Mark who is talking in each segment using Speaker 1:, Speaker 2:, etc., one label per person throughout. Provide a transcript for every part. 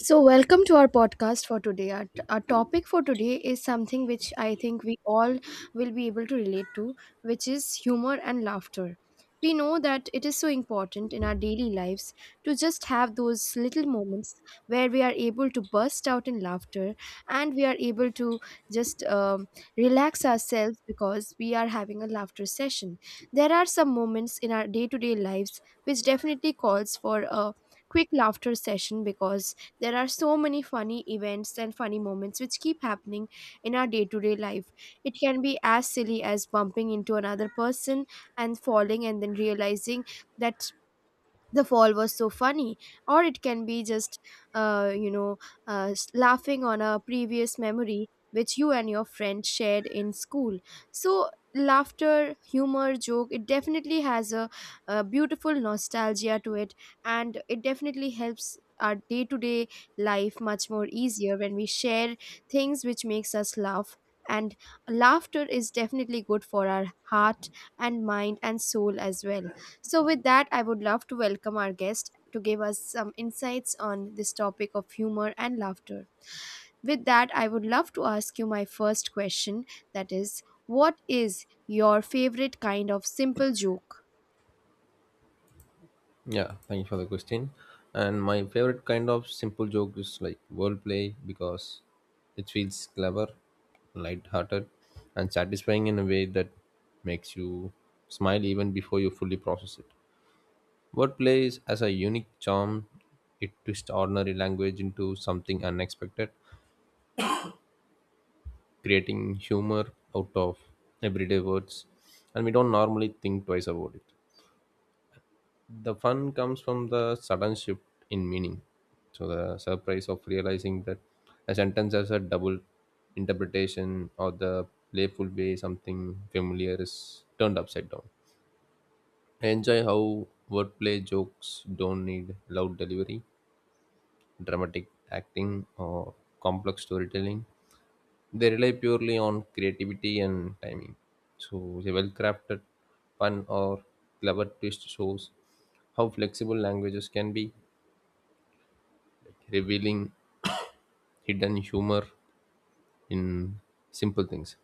Speaker 1: So, welcome to our podcast for today. Our topic for today is something which I think we all will be able to relate to, which is humor and laughter. We know that it is so important in our daily lives to just have those little moments where we are able to burst out in laughter and we are able to just relax ourselves because we are having a laughter session. There are some moments in our day to day lives which definitely calls for a quick laughter session because there are so many funny events and funny moments which keep happening in our day to day life. It can be as silly as bumping into another person and falling and then realizing that the fall was so funny, or it can be just uh, you know laughing on a previous memory which you and your friend shared in school. So laughter, humor, joke, it definitely has a beautiful nostalgia to it, and it definitely helps our day-to-day life much more easier when we share things which makes us laugh, and laughter is definitely good for our heart and mind and soul as well. So, with that, I would love to welcome our guest to give us some insights on this topic of humor and laughter. With that, I would love to ask you my first question, that is, what is your favorite kind of simple joke?
Speaker 2: Yeah, thank you for the question. And my favorite kind of simple joke is like wordplay because it feels clever, light-hearted, and satisfying in a way that makes you smile even before you fully process it. Wordplay is as a unique charm. It twists ordinary language into something unexpected, creating humor out of everyday words, and we don't normally think twice about it. The fun comes from the sudden shift in meaning. So the surprise of realizing that a sentence has a double interpretation, or the playful way something familiar is turned upside down. I enjoy how wordplay jokes don't need loud delivery, dramatic acting, or complex storytelling. They rely purely on creativity and timing. So a well-crafted, fun, or clever twist shows how flexible languages can be, revealing hidden humor in simple things.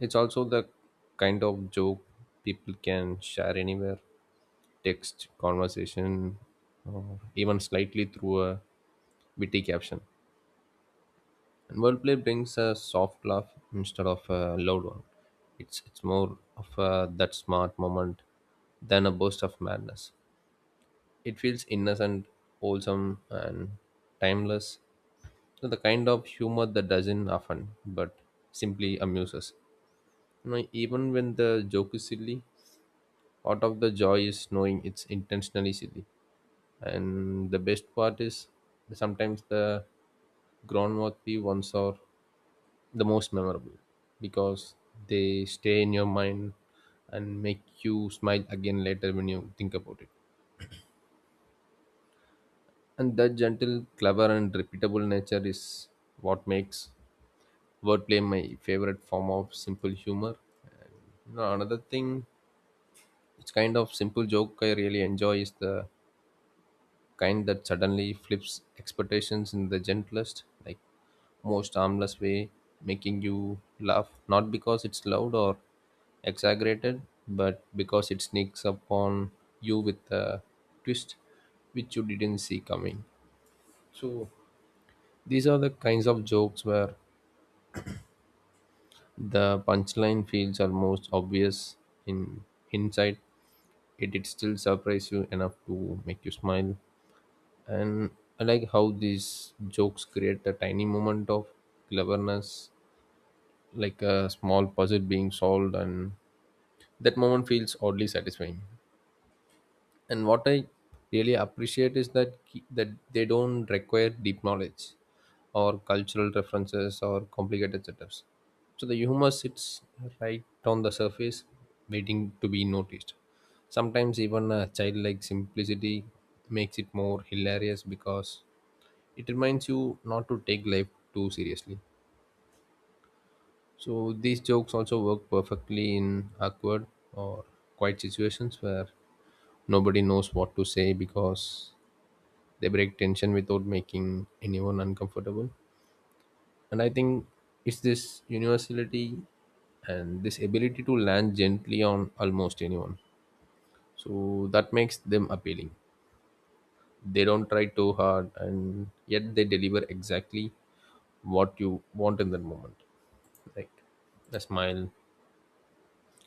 Speaker 2: It's also the kind of joke people can share anywhere: text, conversation, or even slightly through a witty caption. And wordplay brings a soft laugh instead of a loud one. It's more of a, that smart moment than a burst of madness. It feels innocent, wholesome, and timeless. So the kind of humor that doesn't often but simply amuses even when the joke is silly, part of the joy is knowing it's intentionally silly. And the best part is, sometimes the groundworthy ones are the most memorable because they stay in your mind and make you smile again later when you think about it. And that gentle, clever, and repeatable nature is what makes wordplay my favorite form of simple humor. No, another thing, it's kind of simple joke I really enjoy is the kind that suddenly flips expectations in the gentlest, like most harmless way, making you laugh not because it's loud or exaggerated, but because it sneaks up on you with a twist which you didn't see coming. So these are the kinds of jokes where the punchline feels almost obvious in hindsight, yet it still surprise you enough to make you smile. And I like how these jokes create a tiny moment of cleverness, like a small puzzle being solved, and that moment feels oddly satisfying. And what I really appreciate is that that they don't require deep knowledge or cultural references or complicated setups. So the humor sits right on the surface, waiting to be noticed. Sometimes even a childlike simplicity makes it more hilarious because it reminds you not to take life too seriously. So these jokes also work perfectly in awkward or quiet situations where nobody knows what to say, because they break tension without making anyone uncomfortable. And I think it's this universality and this ability to land gently on almost anyone, so that makes them appealing. They don't try too hard, and yet they deliver exactly what you want in that moment, like a smile,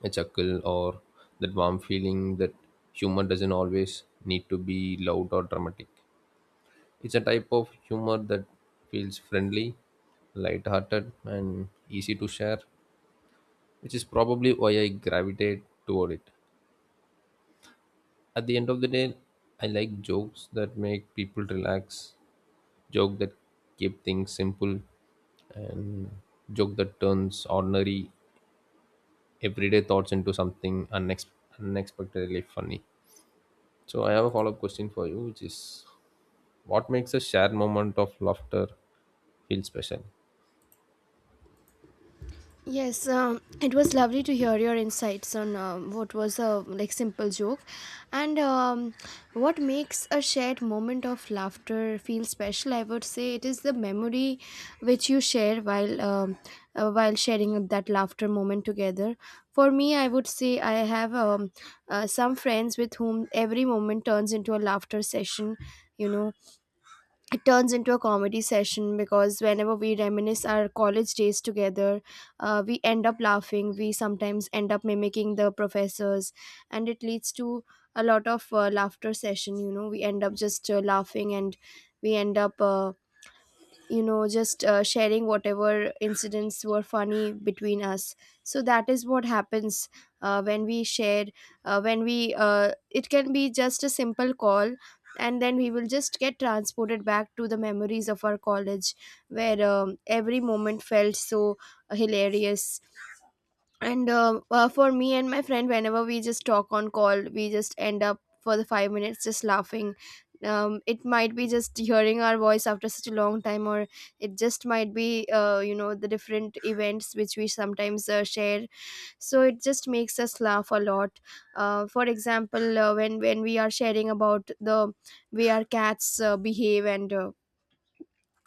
Speaker 2: a chuckle, or that warm feeling that humor doesn't always need to be loud or dramatic. It's a type of humor that feels friendly, light-hearted, and easy to share, which is probably why I gravitate toward it. At the end of the day, I like jokes that make people relax, joke that keep things simple, and joke that turns ordinary everyday thoughts into something unexpectedly funny. So I have a follow-up question for you, which is, what makes a shared moment of laughter feel special?
Speaker 1: Yes, it was lovely to hear your insights on what was a like simple joke, and what makes a shared moment of laughter feel special. I would say it is the memory which you share while sharing that laughter moment together. For me, I would say I have some friends with whom every moment turns into a laughter session. You know, it turns into a comedy session because whenever we reminisce our college days together, we end up laughing. We sometimes end up mimicking the professors, and it leads to a lot of laughter session. You know, we end up just laughing, and we end up just sharing whatever incidents were funny between us. So that is what happens when we share when we it can be just a simple call, and then we will just get transported back to the memories of our college where every moment felt so hilarious. And for me and my friend, whenever we just talk on call, we just end up for the 5 minutes just laughing. It might be just hearing our voice after such a long time, or it just might be the different events which we sometimes share, so it just makes us laugh a lot. For example, when we are sharing about the way our cats behave, and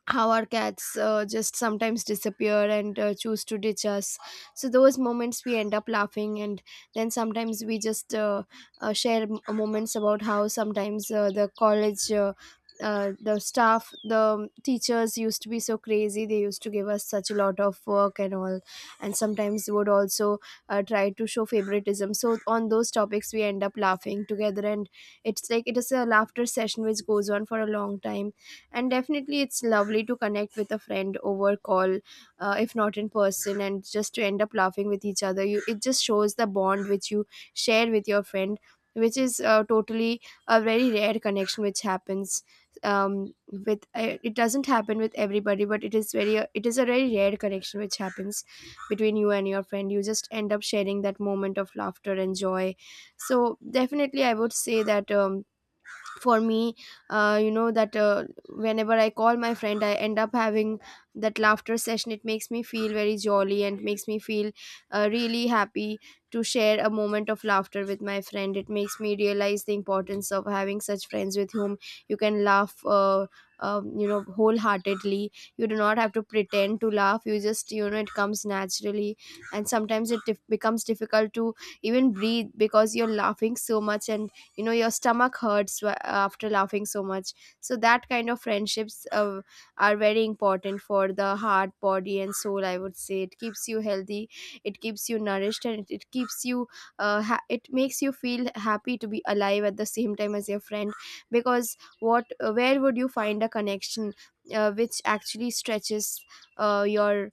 Speaker 1: how our cats just sometimes disappear and choose to ditch us, so those moments we end up laughing. And then sometimes we just share moments about how sometimes the staff, the teachers used to be so crazy. They used to give us such a lot of work and all, and sometimes would also try to show favoritism, so on those topics we end up laughing together. And it's like it is a laughter session which goes on for a long time, and definitely it's lovely to connect with a friend over call, if not in person, and just to end up laughing with each other. You It just shows the bond which you share with your friend, which is totally a very rare connection which happens. Um with It doesn't happen with everybody, but it is a very rare connection which happens between you and your friend. You just end up sharing that moment of laughter and joy. So definitely I would say that, for me, that, whenever I call my friend, I end up having that laughter session. It makes me feel very jolly and makes me feel really happy to share a moment of laughter with my friend. It makes me realize the importance of having such friends with whom you can laugh, wholeheartedly. You do not have to pretend to laugh, you just you know it comes naturally. And sometimes it becomes difficult to even breathe because you're laughing so much, and your stomach hurts after laughing so much. So that kind of friendships are very important for the heart, body and soul. I would say it keeps you healthy, it keeps you nourished, and it makes you feel happy to be alive at the same time as your friend. Because what where would you find a connection, which actually uh, your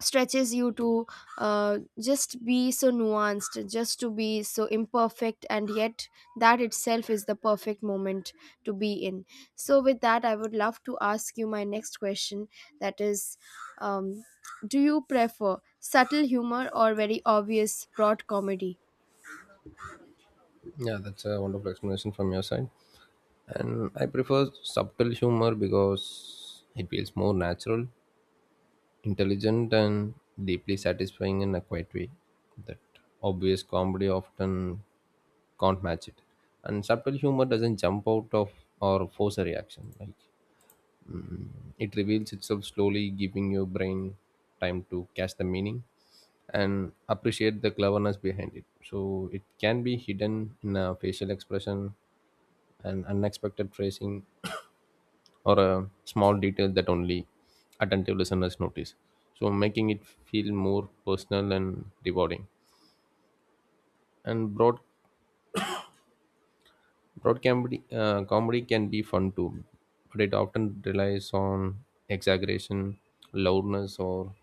Speaker 1: stretches you to just be so nuanced, just to be so imperfect, and yet that itself is the perfect moment to be in. So with that, I would love to ask you my next question, that is, um, do you prefer subtle humor or very obvious broad comedy?
Speaker 2: Yeah, that's a wonderful explanation from your side. And I prefer subtle humor because it feels more natural, intelligent, and deeply satisfying in a quiet way. That obvious comedy often can't match it. And subtle humor doesn't jump out of or force a reaction. Like, it reveals itself slowly, giving your brain time to catch the meaning and appreciate the cleverness behind it. So it can be hidden in a facial expression, an unexpected phrasing, or a small detail that only attentive listeners notice, so making it feel more personal and rewarding. And broad comedy, comedy can be fun too, but it often relies on exaggeration, loudness, or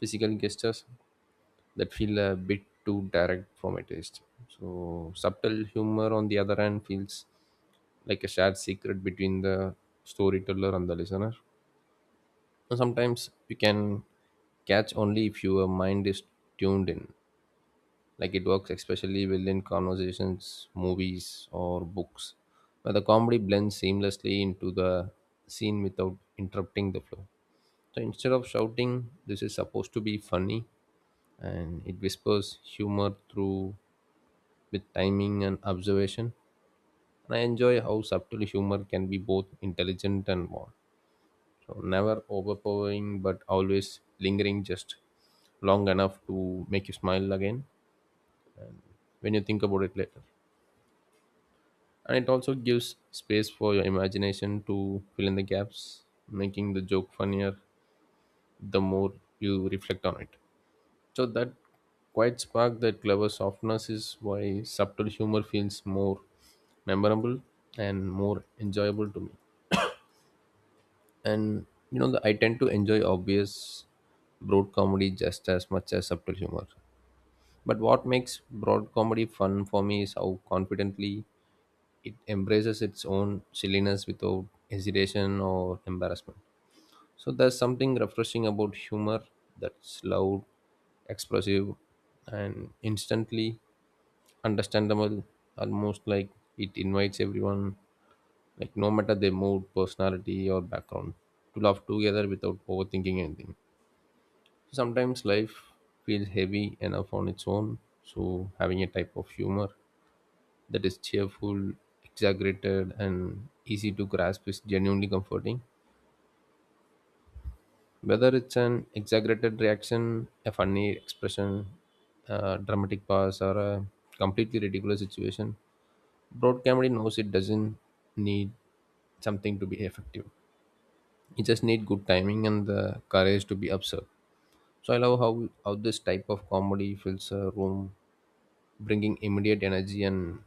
Speaker 2: physical gestures that feel a bit too direct for my taste. So subtle humor, on the other hand, feels like a shared secret between the storyteller and the listener. And sometimes you can catch only if your mind is tuned in. Like, it works especially within conversations, movies, or books where the comedy blends seamlessly into the scene without interrupting the flow. So instead of shouting this is supposed to be funny, and it whispers humor through with timing and observation. And I enjoy how subtle humor can be both intelligent and warm. So never overpowering, but always lingering just long enough to make you smile again when you think about it later. And it also gives space for your imagination to fill in the gaps, making the joke funnier the more you reflect on it. So that quiet spark, that clever softness is why subtle humor feels more memorable and more enjoyable to me. And you know, I tend to enjoy obvious broad comedy just as much as subtle humor, but what makes broad comedy fun for me is how confidently it embraces its own silliness without hesitation or embarrassment. So there's something refreshing about humor that's loud, expressive, and instantly understandable, almost like it invites everyone, like no matter their mood, personality, or background, to laugh together without overthinking anything. Sometimes life feels heavy enough on its own, so having a type of humor that is cheerful, exaggerated, and easy to grasp is genuinely comforting. Whether it's an exaggerated reaction, a funny expression, a dramatic pause, or a completely ridiculous situation, broad comedy knows it doesn't need something to be effective. You just need good timing and the courage to be absurd. So I love how this type of comedy fills a room, bringing immediate energy and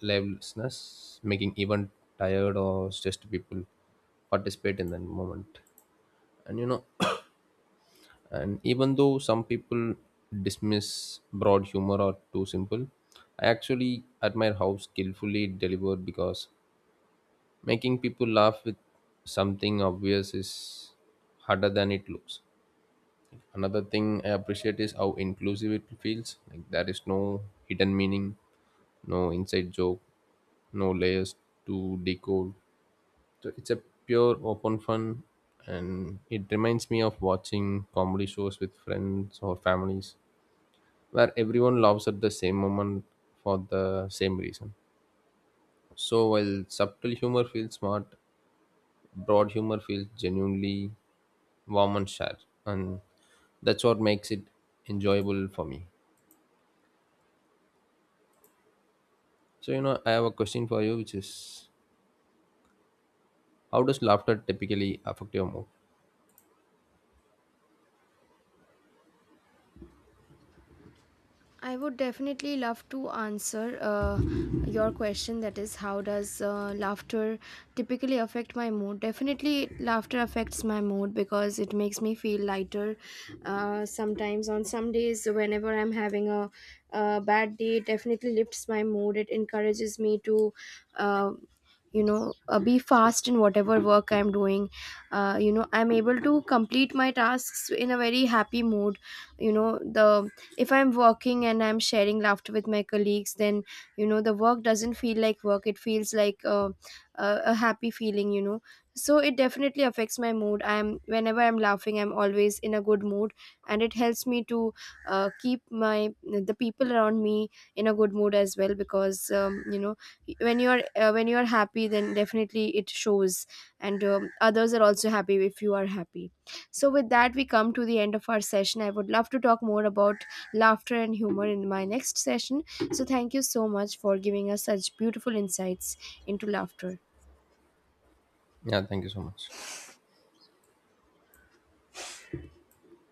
Speaker 2: liveliness, making even tired or stressed people participate in that moment. And you know, and even though some people dismiss broad humor or too simple, I actually admire how skillfully it delivered, because making people laugh with something obvious is harder than it looks. Another thing I appreciate is how inclusive it feels. Like there is no hidden meaning, no inside joke, no layers to decode. So it's a pure open fun, and it reminds me of watching comedy shows with friends or families where everyone laughs at the same moment for the same reason. So while subtle humor feels smart, broad humor feels genuinely warm and shared, and that's what makes it enjoyable for me. So, you know, I have a question for you, which is, how does laughter typically affect your mood?
Speaker 1: I would definitely love to answer your question, that is, how does laughter typically affect my mood? Definitely, laughter affects my mood because it makes me feel lighter. Sometimes, on some days, whenever I'm having a bad day, it definitely lifts my mood. It encourages me to Uh, be fast in whatever work I'm doing. I'm able to complete my tasks in a very happy mood. You know the If I'm working and I'm sharing laughter with my colleagues, then the work doesn't feel like work, it feels like a, a happy feeling. So it definitely affects my mood. I'm Whenever I'm laughing, I'm always in a good mood, and it helps me to keep my the people around me in a good mood as well, because when you're happy, then definitely it shows, and others are also happy if you are happy. So, with that, we come to the end of our session. I would love to talk more about laughter and humor in my next session. So, thank you so much for giving us such beautiful insights into laughter.
Speaker 2: Yeah, thank you so much.